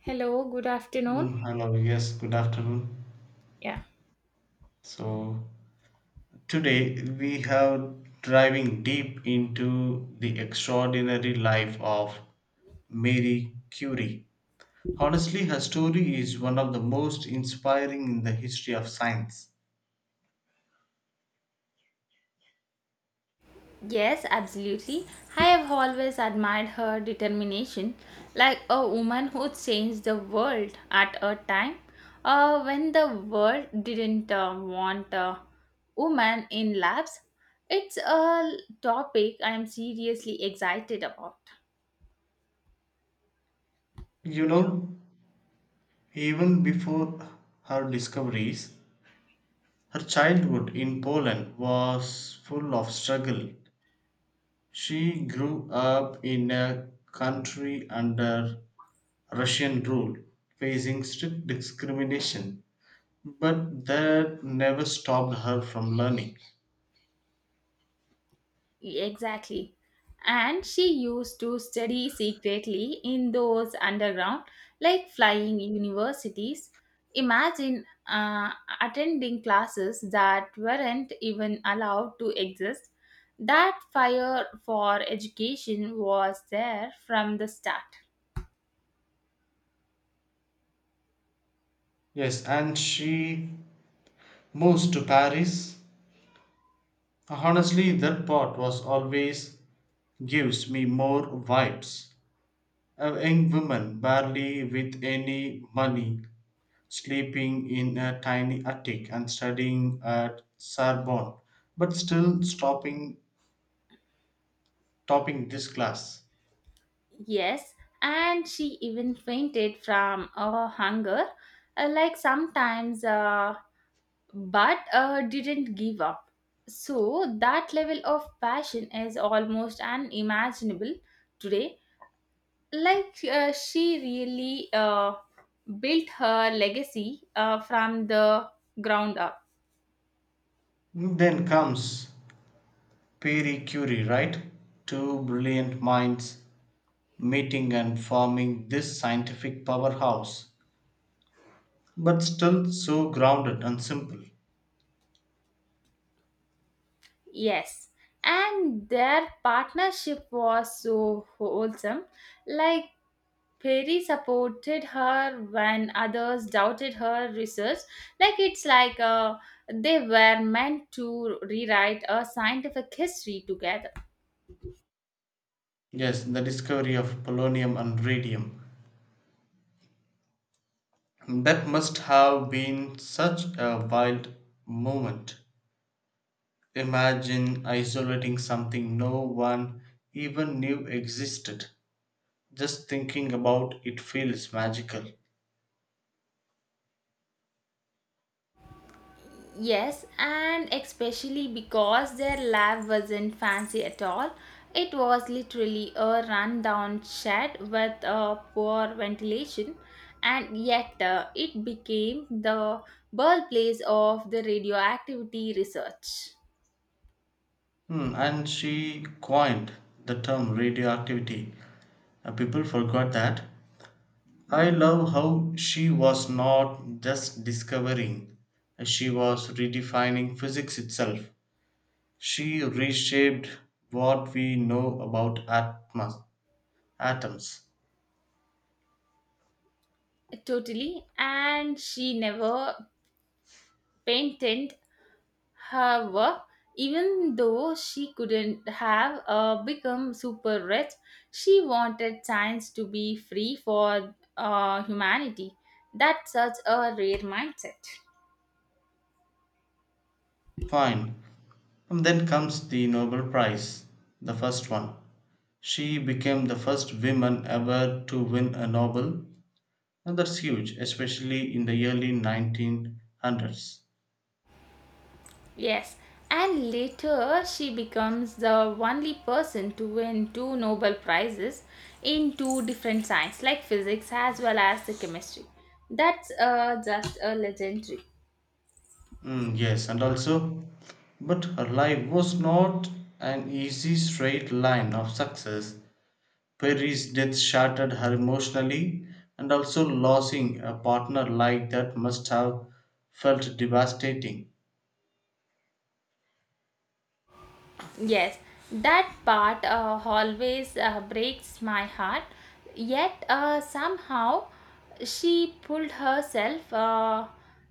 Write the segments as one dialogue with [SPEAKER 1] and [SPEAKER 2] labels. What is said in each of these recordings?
[SPEAKER 1] Hello, good afternoon.
[SPEAKER 2] Hello, yes, good afternoon.
[SPEAKER 1] Yeah.
[SPEAKER 2] So, today we have diving deep into the extraordinary life of Marie Curie. Honestly, her story is one of the most inspiring in the history of science.
[SPEAKER 1] Yes, absolutely. I have always admired her determination, like a woman who changed the world at a time when the world didn't want a woman in labs. It's a topic I am seriously excited about.
[SPEAKER 2] You know, even before her discoveries, her childhood in Poland was full of struggle. She grew up in a country under Russian rule, facing strict discrimination, but that never stopped her from learning.
[SPEAKER 1] Exactly. And she used to study secretly in those underground, like flying universities. Imagine attending classes that weren't even allowed to exist. That fire for education was there from the start.
[SPEAKER 2] Yes, and she moves to Paris. Honestly, that part was always gives me more vibes. A young woman, barely with any money, sleeping in a tiny attic and studying at Sorbonne, but still stopping topping this class.
[SPEAKER 1] Yes, and she even fainted from hunger. Like sometimes but didn't give up. So that level of passion is almost unimaginable today. Like she really built her legacy from the ground up.
[SPEAKER 2] Then comes Marie Curie, right? Two brilliant minds meeting and forming this scientific powerhouse, but still so grounded and simple.
[SPEAKER 1] Yes, and their partnership was so wholesome. Like Perry supported her when others doubted her research. Like it's like they were meant to rewrite a scientific history together.
[SPEAKER 2] Yes, the discovery of polonium and radium. That must have been such a wild moment. Imagine isolating something no one even knew existed. Just thinking about it feels magical.
[SPEAKER 1] Yes, and especially because their lab wasn't fancy at all. It was literally a rundown shed with a poor ventilation, and yet it became the birthplace of the radioactivity research.
[SPEAKER 2] Hmm, and she coined the term radioactivity. People forgot that. I love how she was not just discovering, she was redefining physics itself. She reshaped what we know about atoms.
[SPEAKER 1] Totally. And she never painted her work. Even though she couldn't have become super rich, she wanted science to be free for humanity. That's such a rare mindset.
[SPEAKER 2] Fine. And then comes the Nobel Prize, the first one. She became the first woman ever to win a Nobel, and that's huge, especially in the early 1900s.
[SPEAKER 1] Yes. And later, she becomes the only person to win two Nobel Prizes in two different science, like physics as well as the chemistry. That's just a legendary.
[SPEAKER 2] Yes, and also, but her life was not an easy straight line of success. Perry's death shattered her emotionally, and also losing a partner like that must have felt devastating.
[SPEAKER 1] Yes, that part always breaks my heart. Yet somehow she pulled herself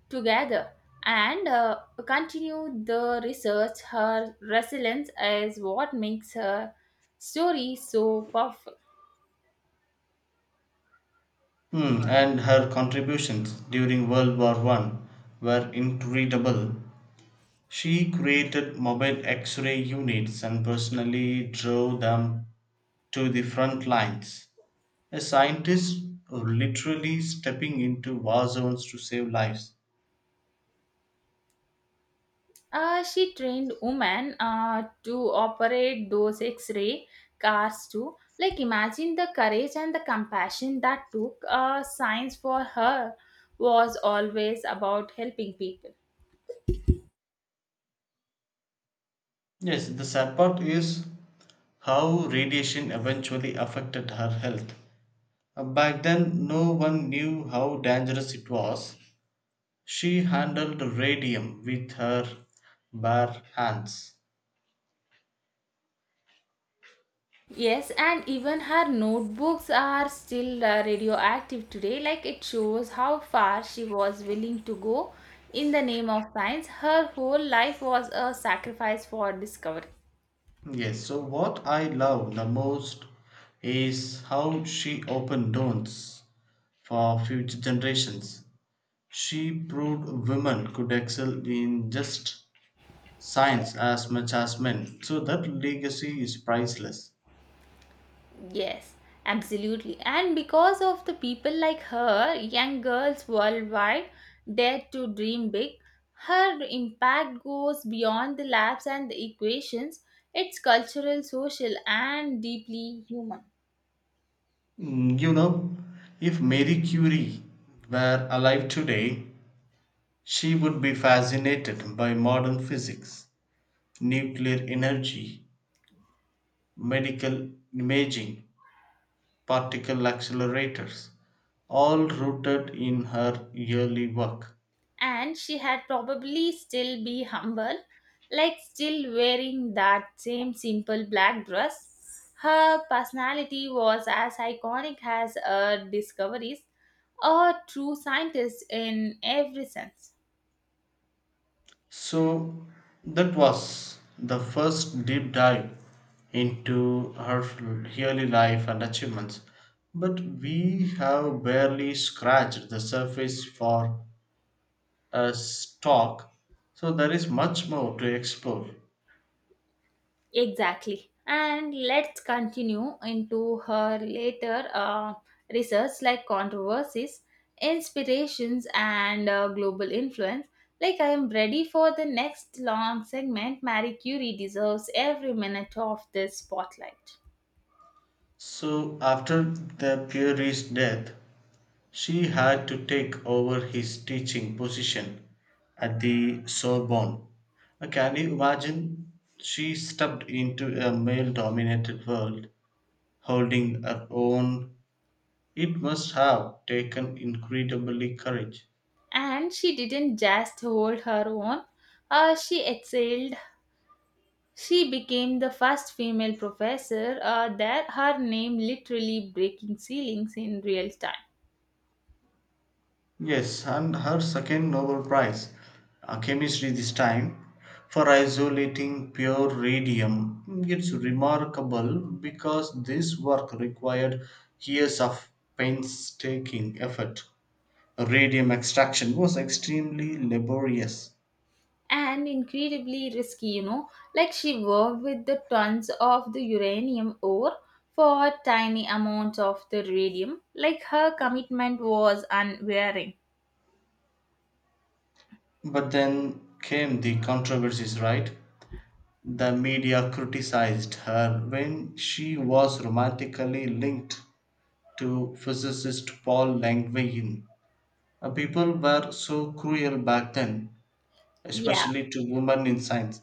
[SPEAKER 1] together and continued the research. Her resilience is what makes her story so powerful.
[SPEAKER 2] And her contributions during World War One were incredible. She created mobile X-ray units and personally drove them to the front lines. A scientist literally stepping into war zones to save lives.
[SPEAKER 1] She trained women to operate those X-ray cars too. Like imagine the courage and the compassion that took. Science for her was always about helping people.
[SPEAKER 2] Yes, the sad part is how radiation eventually affected her health. Back then, no one knew how dangerous it was. She handled radium with her bare hands.
[SPEAKER 1] Yes, and even her notebooks are still radioactive today. Like it shows how far she was willing to go in the name of science. Her whole life was a sacrifice for discovery.
[SPEAKER 2] Yes, so what I love the most is how she opened doors for future generations. She proved women could excel in just science as much as men. So that legacy is priceless.
[SPEAKER 1] Yes, absolutely. And because of the people like her, young girls worldwide dare to dream big. Her impact goes beyond the labs and the equations. It's cultural, social, and deeply human.
[SPEAKER 2] You know, if Marie Curie were alive today, she would be fascinated by modern physics, nuclear energy, medical imaging, particle accelerators, all rooted in her early work.
[SPEAKER 1] And she had probably still be humble, like still wearing that same simple black dress. Her personality was as iconic as her discoveries, a true scientist in every sense.
[SPEAKER 2] So that was the first deep dive into her early life and achievements. But we have barely scratched the surface for a talk, so there is much more to explore.
[SPEAKER 1] Exactly. And let's continue into her later research, like controversies, inspirations, and global influence. Like, I am ready for the next long segment. Marie Curie deserves every minute of this spotlight.
[SPEAKER 2] So after the Puri's death, she had to take over his teaching position at the Sorbonne. Can you imagine? She stepped into a male dominated world, holding her own. It must have taken incredibly courage.
[SPEAKER 1] And she didn't just hold her own, she excelled. She became the first female professor there, her name literally breaking ceilings in real time.
[SPEAKER 2] Yes, and her second Nobel Prize, chemistry this time, for isolating pure radium. It's remarkable because this work required years of painstaking effort. Radium extraction was extremely laborious.
[SPEAKER 1] And incredibly risky, you know. Like she worked with the tons of the uranium ore for tiny amounts of the radium. Like her commitment was unwearing.
[SPEAKER 2] But then came the controversies, right? The media criticized her when she was romantically linked to physicist Paul Langevin. People were so cruel back then,
[SPEAKER 1] Yeah,
[SPEAKER 2] especially to women in science.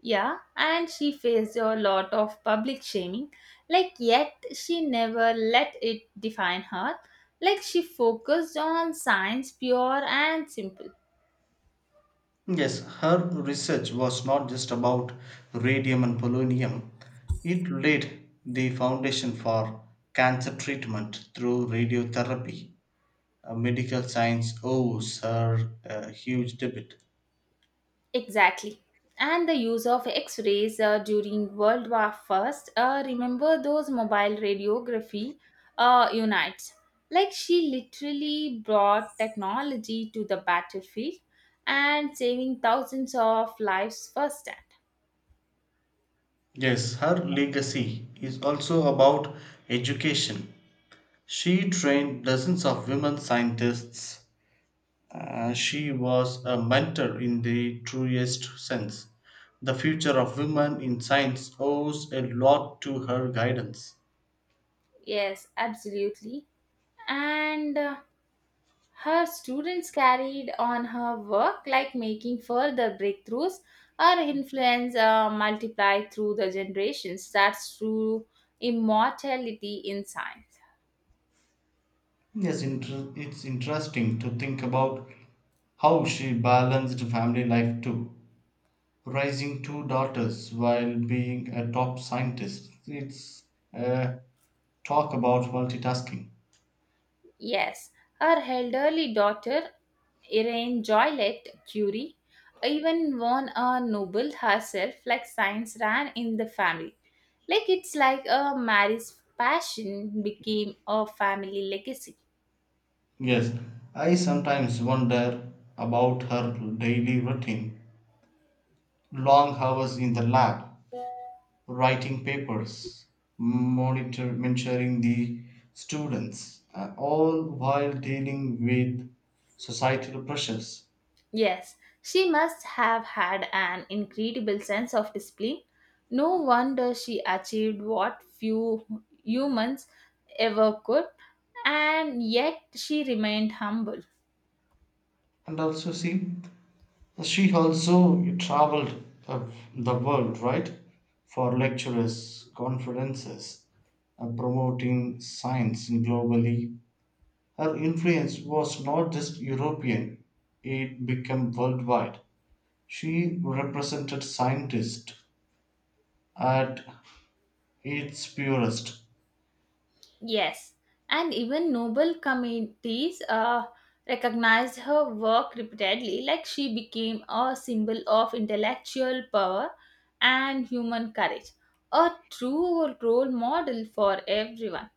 [SPEAKER 1] yeah, and she faced a lot of public shaming. Like, yet she never let it define her. Like, she focused on science, pure and simple.
[SPEAKER 2] Yes, her research was not just about radium and polonium, it laid the foundation for cancer treatment through radiotherapy. Medical science owes her a huge debt.
[SPEAKER 1] Exactly. And the use of X-rays during World War First. Remember those mobile radiography units? Like she literally brought technology to the battlefield and saving thousands of lives firsthand.
[SPEAKER 2] Yes, her legacy is also about education. She trained dozens of women scientists. She was a mentor in the truest sense. The future of women in science owes a lot to her guidance.
[SPEAKER 1] Yes, absolutely. And her students carried on her work, like making further breakthroughs. Her influence multiplied through the generations. That's true immortality in science.
[SPEAKER 2] Yes, it's interesting to think about how she balanced family life too. Raising two daughters while being a top scientist. It's a talk about multitasking.
[SPEAKER 1] Yes, her elderly daughter, Irene Joliet Curie, even won a Nobel herself, like science ran in the family. Like it's like a marriage passion became a family legacy.
[SPEAKER 2] Yes, I sometimes wonder about her daily routine. Long hours in the lab, writing papers, mentoring the students, all while dealing with societal pressures.
[SPEAKER 1] Yes, she must have had an incredible sense of discipline. No wonder she achieved what few humans ever could, and yet she remained humble.
[SPEAKER 2] And also, see, she also traveled uh, the world, right, for lectures, conferences, promoting science globally. Her influence was not just European, it became worldwide. She represented scientists at its purest.
[SPEAKER 1] Yes, and even noble committees recognized her work repeatedly, like she became a symbol of intellectual power and human courage, a true role model for everyone.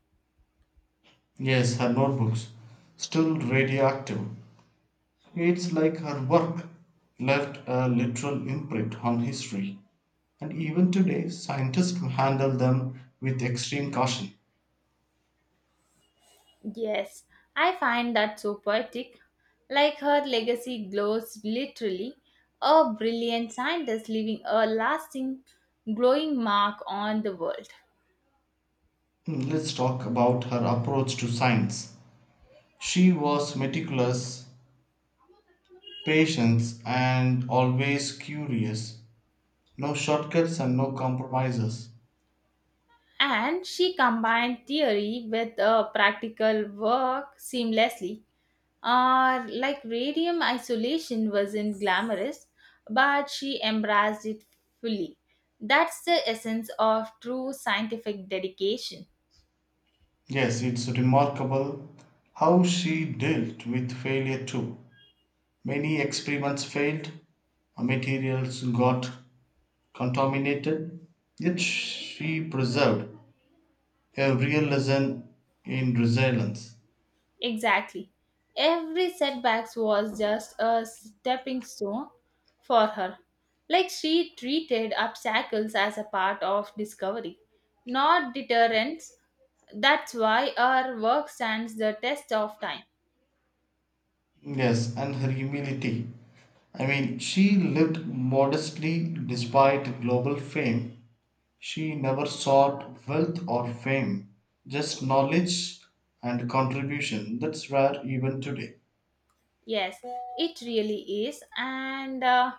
[SPEAKER 2] Yes, her notebooks. Still radioactive. It's like her work left a literal imprint on history. And even today, scientists handle them with extreme caution.
[SPEAKER 1] Yes, I find that so poetic. Like her legacy glows literally, a brilliant scientist leaving a lasting, glowing mark on the world.
[SPEAKER 2] Let's talk about her approach to science. She was meticulous, patient, and always curious. No shortcuts and no compromises.
[SPEAKER 1] And she combined theory with practical work seamlessly. Like radium isolation wasn't glamorous, but she embraced it fully. That's the essence of true scientific dedication.
[SPEAKER 2] Yes, it's remarkable how she dealt with failure too. Many experiments failed, her materials got contaminated, yet she preserved a real lesson in resilience.
[SPEAKER 1] Exactly. Every setback was just a stepping stone for her. Like she treated obstacles as a part of discovery, not deterrence. That's why our work stands the test of time.
[SPEAKER 2] Yes, and her humility. I mean, she lived modestly despite global fame. She never sought wealth or fame, just knowledge and contribution. That's rare even today.
[SPEAKER 1] Yes, it really is. And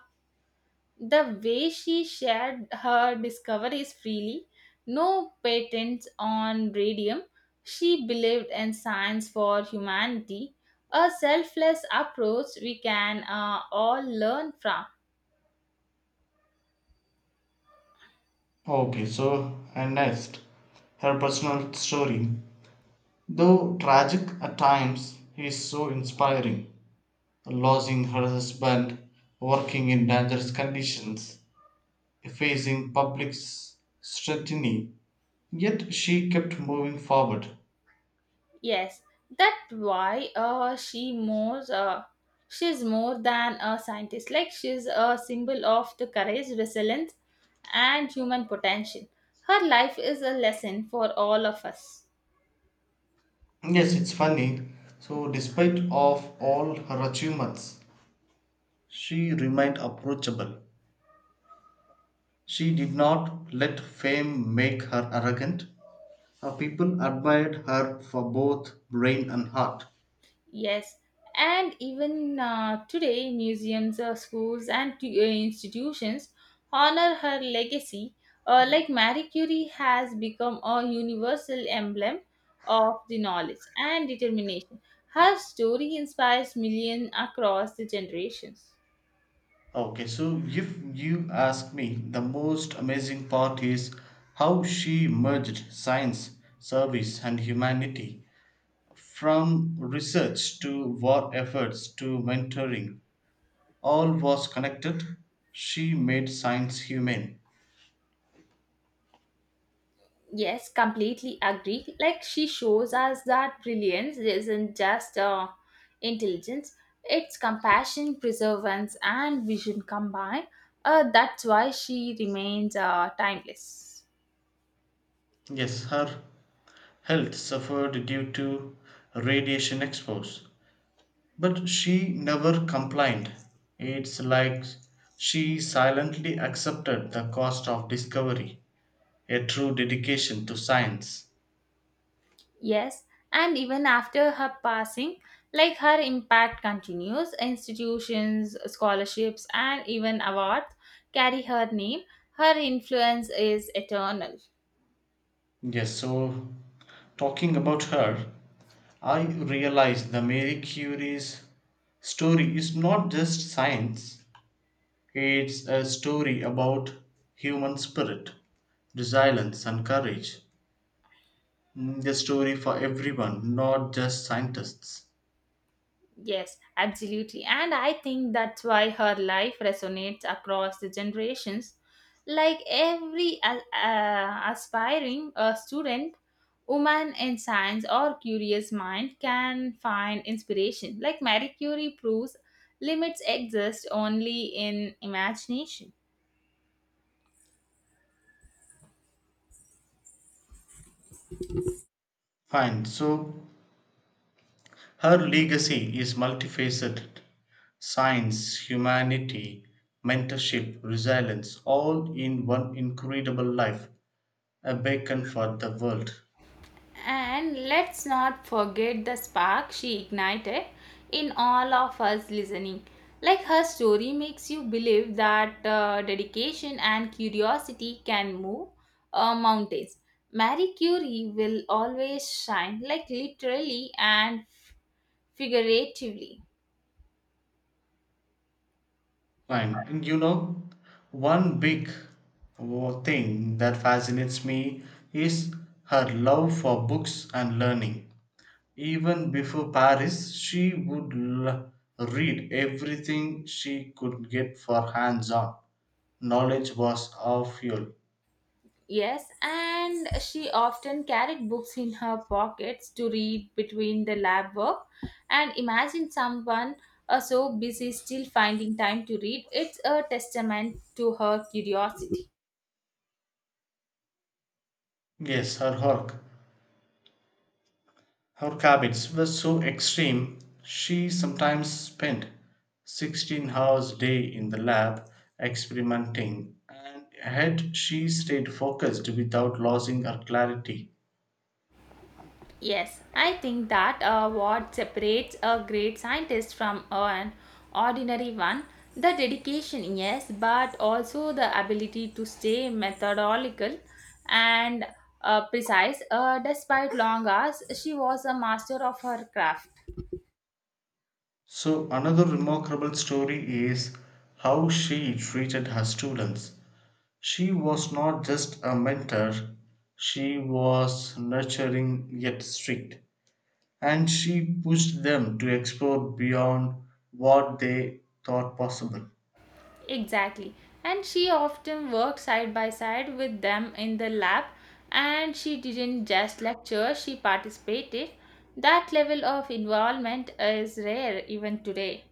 [SPEAKER 1] the way she shared her discoveries freely, no patents on radium, she believed in science for humanity, a selfless approach we can all learn from.
[SPEAKER 2] Okay, so, and next, her personal story. Though tragic at times, he is so inspiring. Losing her husband, working in dangerous conditions, facing public scrutiny, yet she kept moving forward.
[SPEAKER 1] Yes, that's why she's more than a scientist. Like she's a symbol of the courage, resilience, and human potential. Her life is a lesson for all of us.
[SPEAKER 2] Yes, it's funny. So, despite of all her achievements, she remained approachable. She did not let fame make her arrogant. Her people admired her for both brain and heart.
[SPEAKER 1] Yes, and even today, museums, schools, and institutions honor her legacy. Like Marie Curie has become a universal emblem of the knowledge and determination. Her story inspires millions across the generations.
[SPEAKER 2] Okay, so if you ask me, the most amazing part is how she merged science, service, and humanity from research to war efforts to mentoring. All was connected. She made science humane.
[SPEAKER 1] Yes, completely agree. Like she shows us that brilliance isn't just intelligence, it's compassion, perseverance, and vision combined. That's why she remains timeless.
[SPEAKER 2] Yes, her health suffered due to radiation expose, but she never complained. It's like she silently accepted the cost of discovery. A true dedication to science.
[SPEAKER 1] Yes, and even after her passing, like her impact continues. Institutions, scholarships, and even awards carry her name. Her influence is eternal.
[SPEAKER 2] Yes, so talking about her, I realized the Mary Curie's story is not just science, it's a story about human spirit, resilience, and courage. The story for everyone, not just scientists.
[SPEAKER 1] Yes, absolutely. And I think that's why her life resonates across the generations. Like every aspiring student, woman in science or curious mind can find inspiration. Like Marie Curie proves limits exist only in imagination.
[SPEAKER 2] Fine, so her legacy is multifaceted science, humanity, mentorship, resilience, all in one incredible life. A beacon for the world.
[SPEAKER 1] And let's not forget the spark she ignited in all of us listening. Like her story makes you believe that dedication and curiosity can move mountains. Marie Curie will always shine, like literally and figuratively.
[SPEAKER 2] Fine. And you know, one big thing that fascinates me is her love for books and learning. Even before Paris, she would read everything she could get for hands on. Knowledge was our fuel.
[SPEAKER 1] Yes, and she often carried books in her pockets to read between the lab work. And imagine someone so busy still finding time to read. It's a testament to her curiosity.
[SPEAKER 2] Yes, her work her habits were so extreme she sometimes spent 16 hours a day in the lab experimenting and had she stayed focused without losing her clarity.
[SPEAKER 1] Yes, I think that what separates a great scientist from an ordinary one, the dedication, yes, but also the ability to stay methodical and precise. Despite long hours, she was a master of her craft.
[SPEAKER 2] So another remarkable story is how she treated her students. She was not just a mentor, she was nurturing yet strict, and she pushed them to explore beyond what they thought possible.
[SPEAKER 1] Exactly. And she often worked side by side with them in the lab, and she didn't just lecture, she participated. That level of involvement is rare even today.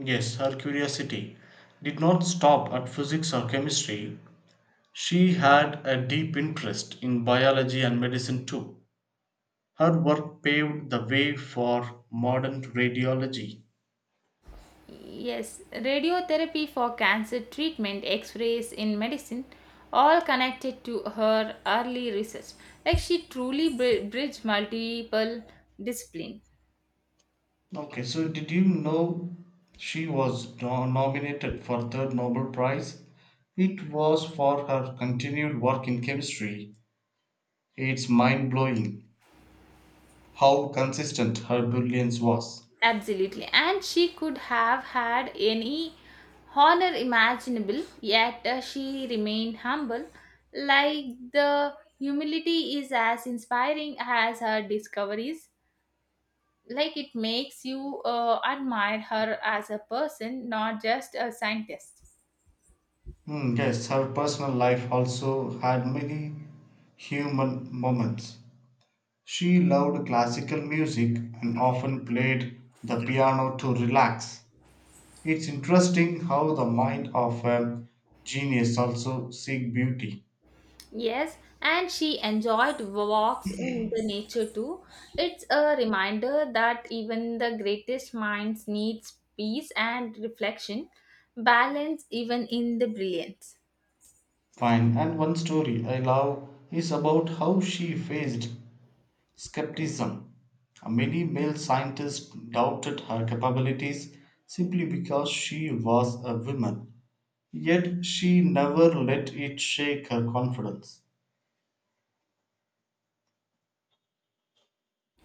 [SPEAKER 2] Yes, her curiosity did not stop at physics or chemistry. She had a deep interest in biology and medicine too. Her work paved the way for modern radiology.
[SPEAKER 1] Yes, radiotherapy for cancer treatment, x rays in medicine, all connected to her early research. Like she truly bridged multiple discipline.
[SPEAKER 2] Okay, so did you know she was nominated for third Nobel Prize? It was for her continued work in chemistry. It's mind blowing how consistent her brilliance was.
[SPEAKER 1] Absolutely. And she could have had any honor imaginable, yet she remained humble. Like the humility is as inspiring as her discoveries, like it makes you admire her as a person, not just a scientist.
[SPEAKER 2] Yes, her personal life also had many human moments. She loved classical music and often played the piano to relax. It's interesting how the mind of a genius also seek beauty.
[SPEAKER 1] Yes, and she enjoyed walks in the nature too. It's a reminder that even the greatest minds needs peace and reflection, balance even in the brilliance.
[SPEAKER 2] Fine, and one story I love is about how she faced skepticism. Many male scientists doubted her capabilities simply because she was a woman. Yet she never let it shake her confidence.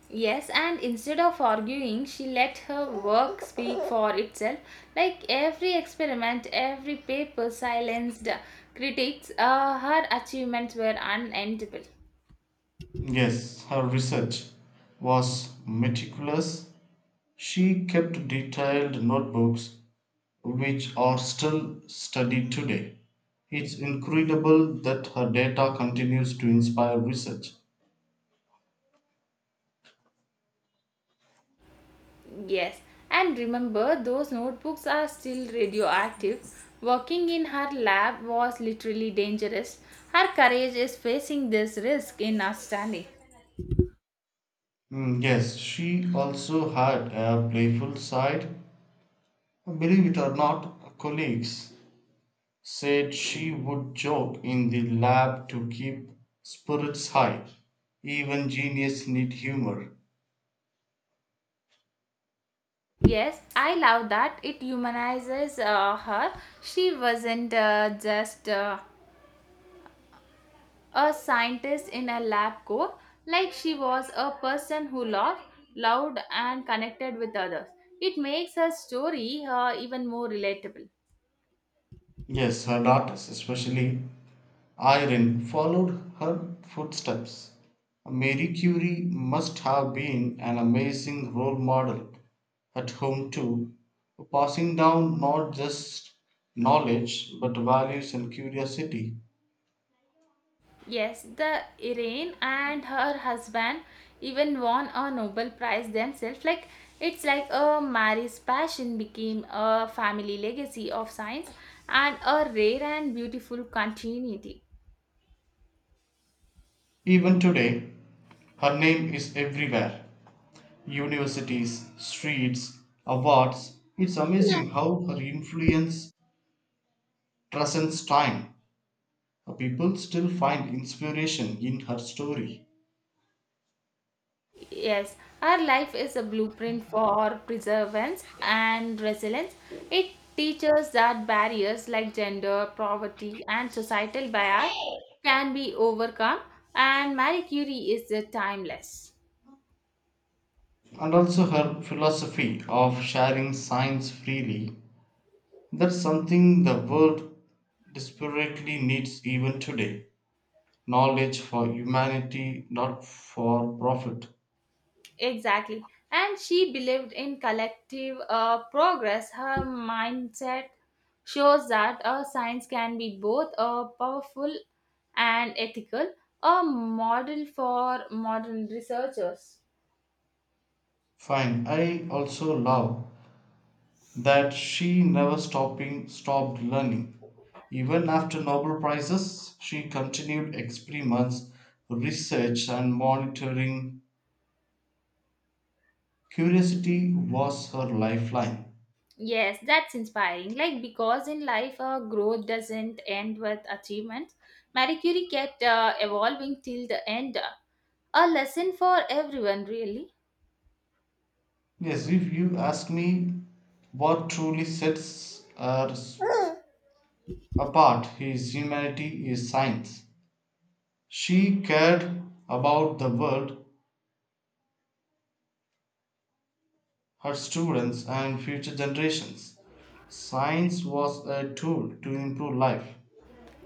[SPEAKER 1] Yes, and instead of arguing, she let her work speak for itself. Like every experiment, every paper silenced critics, her achievements were unendable.
[SPEAKER 2] Yes, her research was meticulous. She kept detailed notebooks which are still studied today. It's incredible that her data continues to inspire research.
[SPEAKER 1] Yes, and remember, those notebooks are still radioactive. Working in her lab was literally dangerous. Her courage is facing this risk in outstanding.
[SPEAKER 2] Yes, she also had a playful side. Believe it or not, colleagues said she would joke in the lab to keep spirits high. Even genius need humor.
[SPEAKER 1] Yes, I love that. It humanizes her. She wasn't just. A scientist in a lab coat, like she was a person who loved, loud and connected with others. It makes her story even more relatable.
[SPEAKER 2] Yes, her daughters, especially Irene, followed her footsteps. Marie Curie must have been an amazing role model at home too, passing down not just knowledge but values and curiosity.
[SPEAKER 1] Yes, the Irene and her husband even won a Nobel Prize themselves. Like it's like a Mary's passion became a family legacy of science and a rare and beautiful continuity.
[SPEAKER 2] Even today, her name is everywhere. Universities, streets, awards. It's amazing how her influence transcends time. People still find inspiration in her story
[SPEAKER 1] Yes, our life is a blueprint for perseverance and resilience. It teaches that barriers like gender, poverty, and societal bias can be overcome, and Marie Curie is the timeless.
[SPEAKER 2] and also her philosophy of sharing science freely. That's something the world desperately needs even today. Knowledge for humanity, not for profit.
[SPEAKER 1] Exactly. And she believed in collective progress. Her mindset shows that science can be both powerful and ethical, a model for modern researchers.
[SPEAKER 2] Fine, I also love that she never stopping stopped learning. Even after Nobel prizes, she continued experiments, research, and monitoring. Curiosity was her lifeline.
[SPEAKER 1] Yes, that's inspiring. Like, because in life, growth doesn't end with achievements. Marie Curie kept evolving till the end. A lesson for everyone, really.
[SPEAKER 2] Yes, if you ask me what truly sets her apart is humanity is science. She cared about the world, her students, and future generations. Science was a tool to improve life.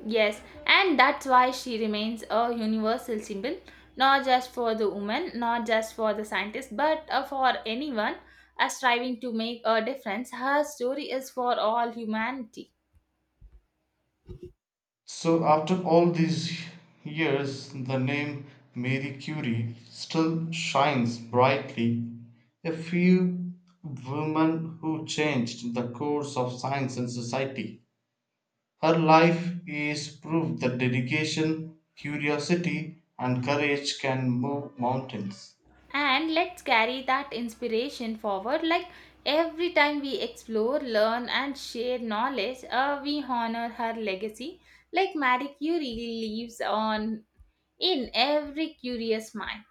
[SPEAKER 1] Yes, and that's why she remains a universal symbol, not just for the woman, not just for the scientist, but for anyone striving to make a difference. Her story is for all humanity.
[SPEAKER 2] So, after all these years, the name Marie Curie still shines brightly. A few women who changed the course of science and society. Her life is proof that dedication, curiosity, and courage can move mountains.
[SPEAKER 1] And let's carry that inspiration forward. Like every time we explore, learn, and share knowledge, we honor her legacy. Like Marie Curie lives on in every curious mind.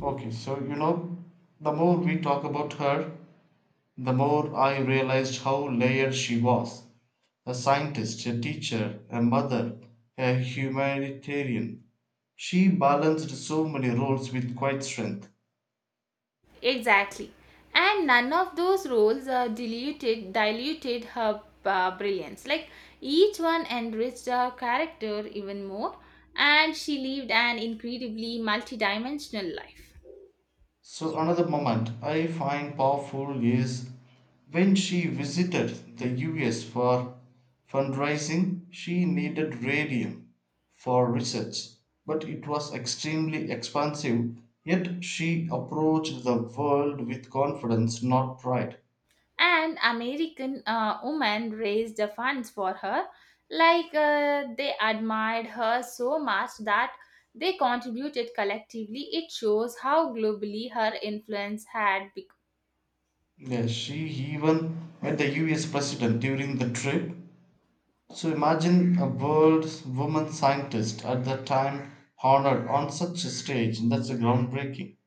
[SPEAKER 2] Okay, so you know, the more we talk about her, the more I realized how layered she was. A scientist, a teacher, a mother, a humanitarian she balanced so many roles with quite strength.
[SPEAKER 1] Exactly. And none of those roles diluted her brilliance. Like each one enriched her character even more, and she lived an incredibly multidimensional life.
[SPEAKER 2] So, another moment I find powerful is when she visited the US for fundraising, she needed radium for research, but it was extremely expensive. Yet she approached the world with confidence, not pride.
[SPEAKER 1] An American woman raised the funds for her. Like they admired her so much that they contributed collectively. It shows how globally her influence had become.
[SPEAKER 2] Yeah, she even met the US president during the trip. So imagine a world woman scientist at that time honored on such a stage. That's a groundbreaking.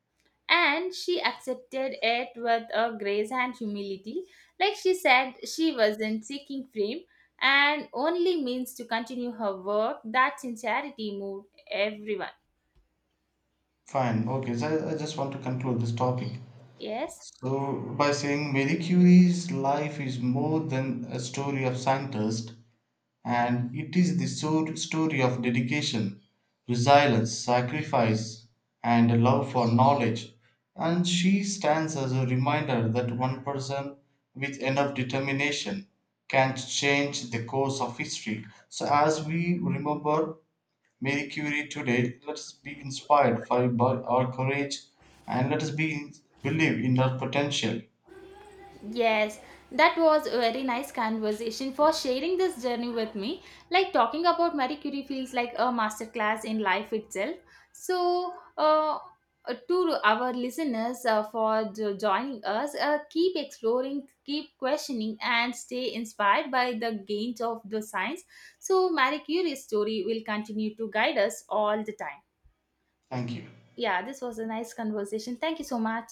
[SPEAKER 1] And she accepted it with a grace and humility. Like she said, she wasn't seeking fame and only means to continue her work. That sincerity moved everyone.
[SPEAKER 2] Fine, okay, so I just want to conclude this topic.
[SPEAKER 1] Yes.
[SPEAKER 2] So by saying Marie Curie's life is more than a story of scientist, and it is the story of dedication, resilience, sacrifice, and a love for knowledge. And she stands as a reminder that one person with enough determination can change the course of history. So, as we remember Marie Curie today, let us be inspired by our courage and let us be believe in our potential.
[SPEAKER 1] Yes, that was a very nice conversation for sharing this journey with me. Like talking about Marie Curie feels like a masterclass in life itself. So, to our listeners for joining us, keep exploring, keep questioning, and stay inspired by the gains of the science. So, Marie Curie's story will continue to guide us all the time.
[SPEAKER 2] Thank you.
[SPEAKER 1] Yeah, this was a nice conversation. Thank you so much.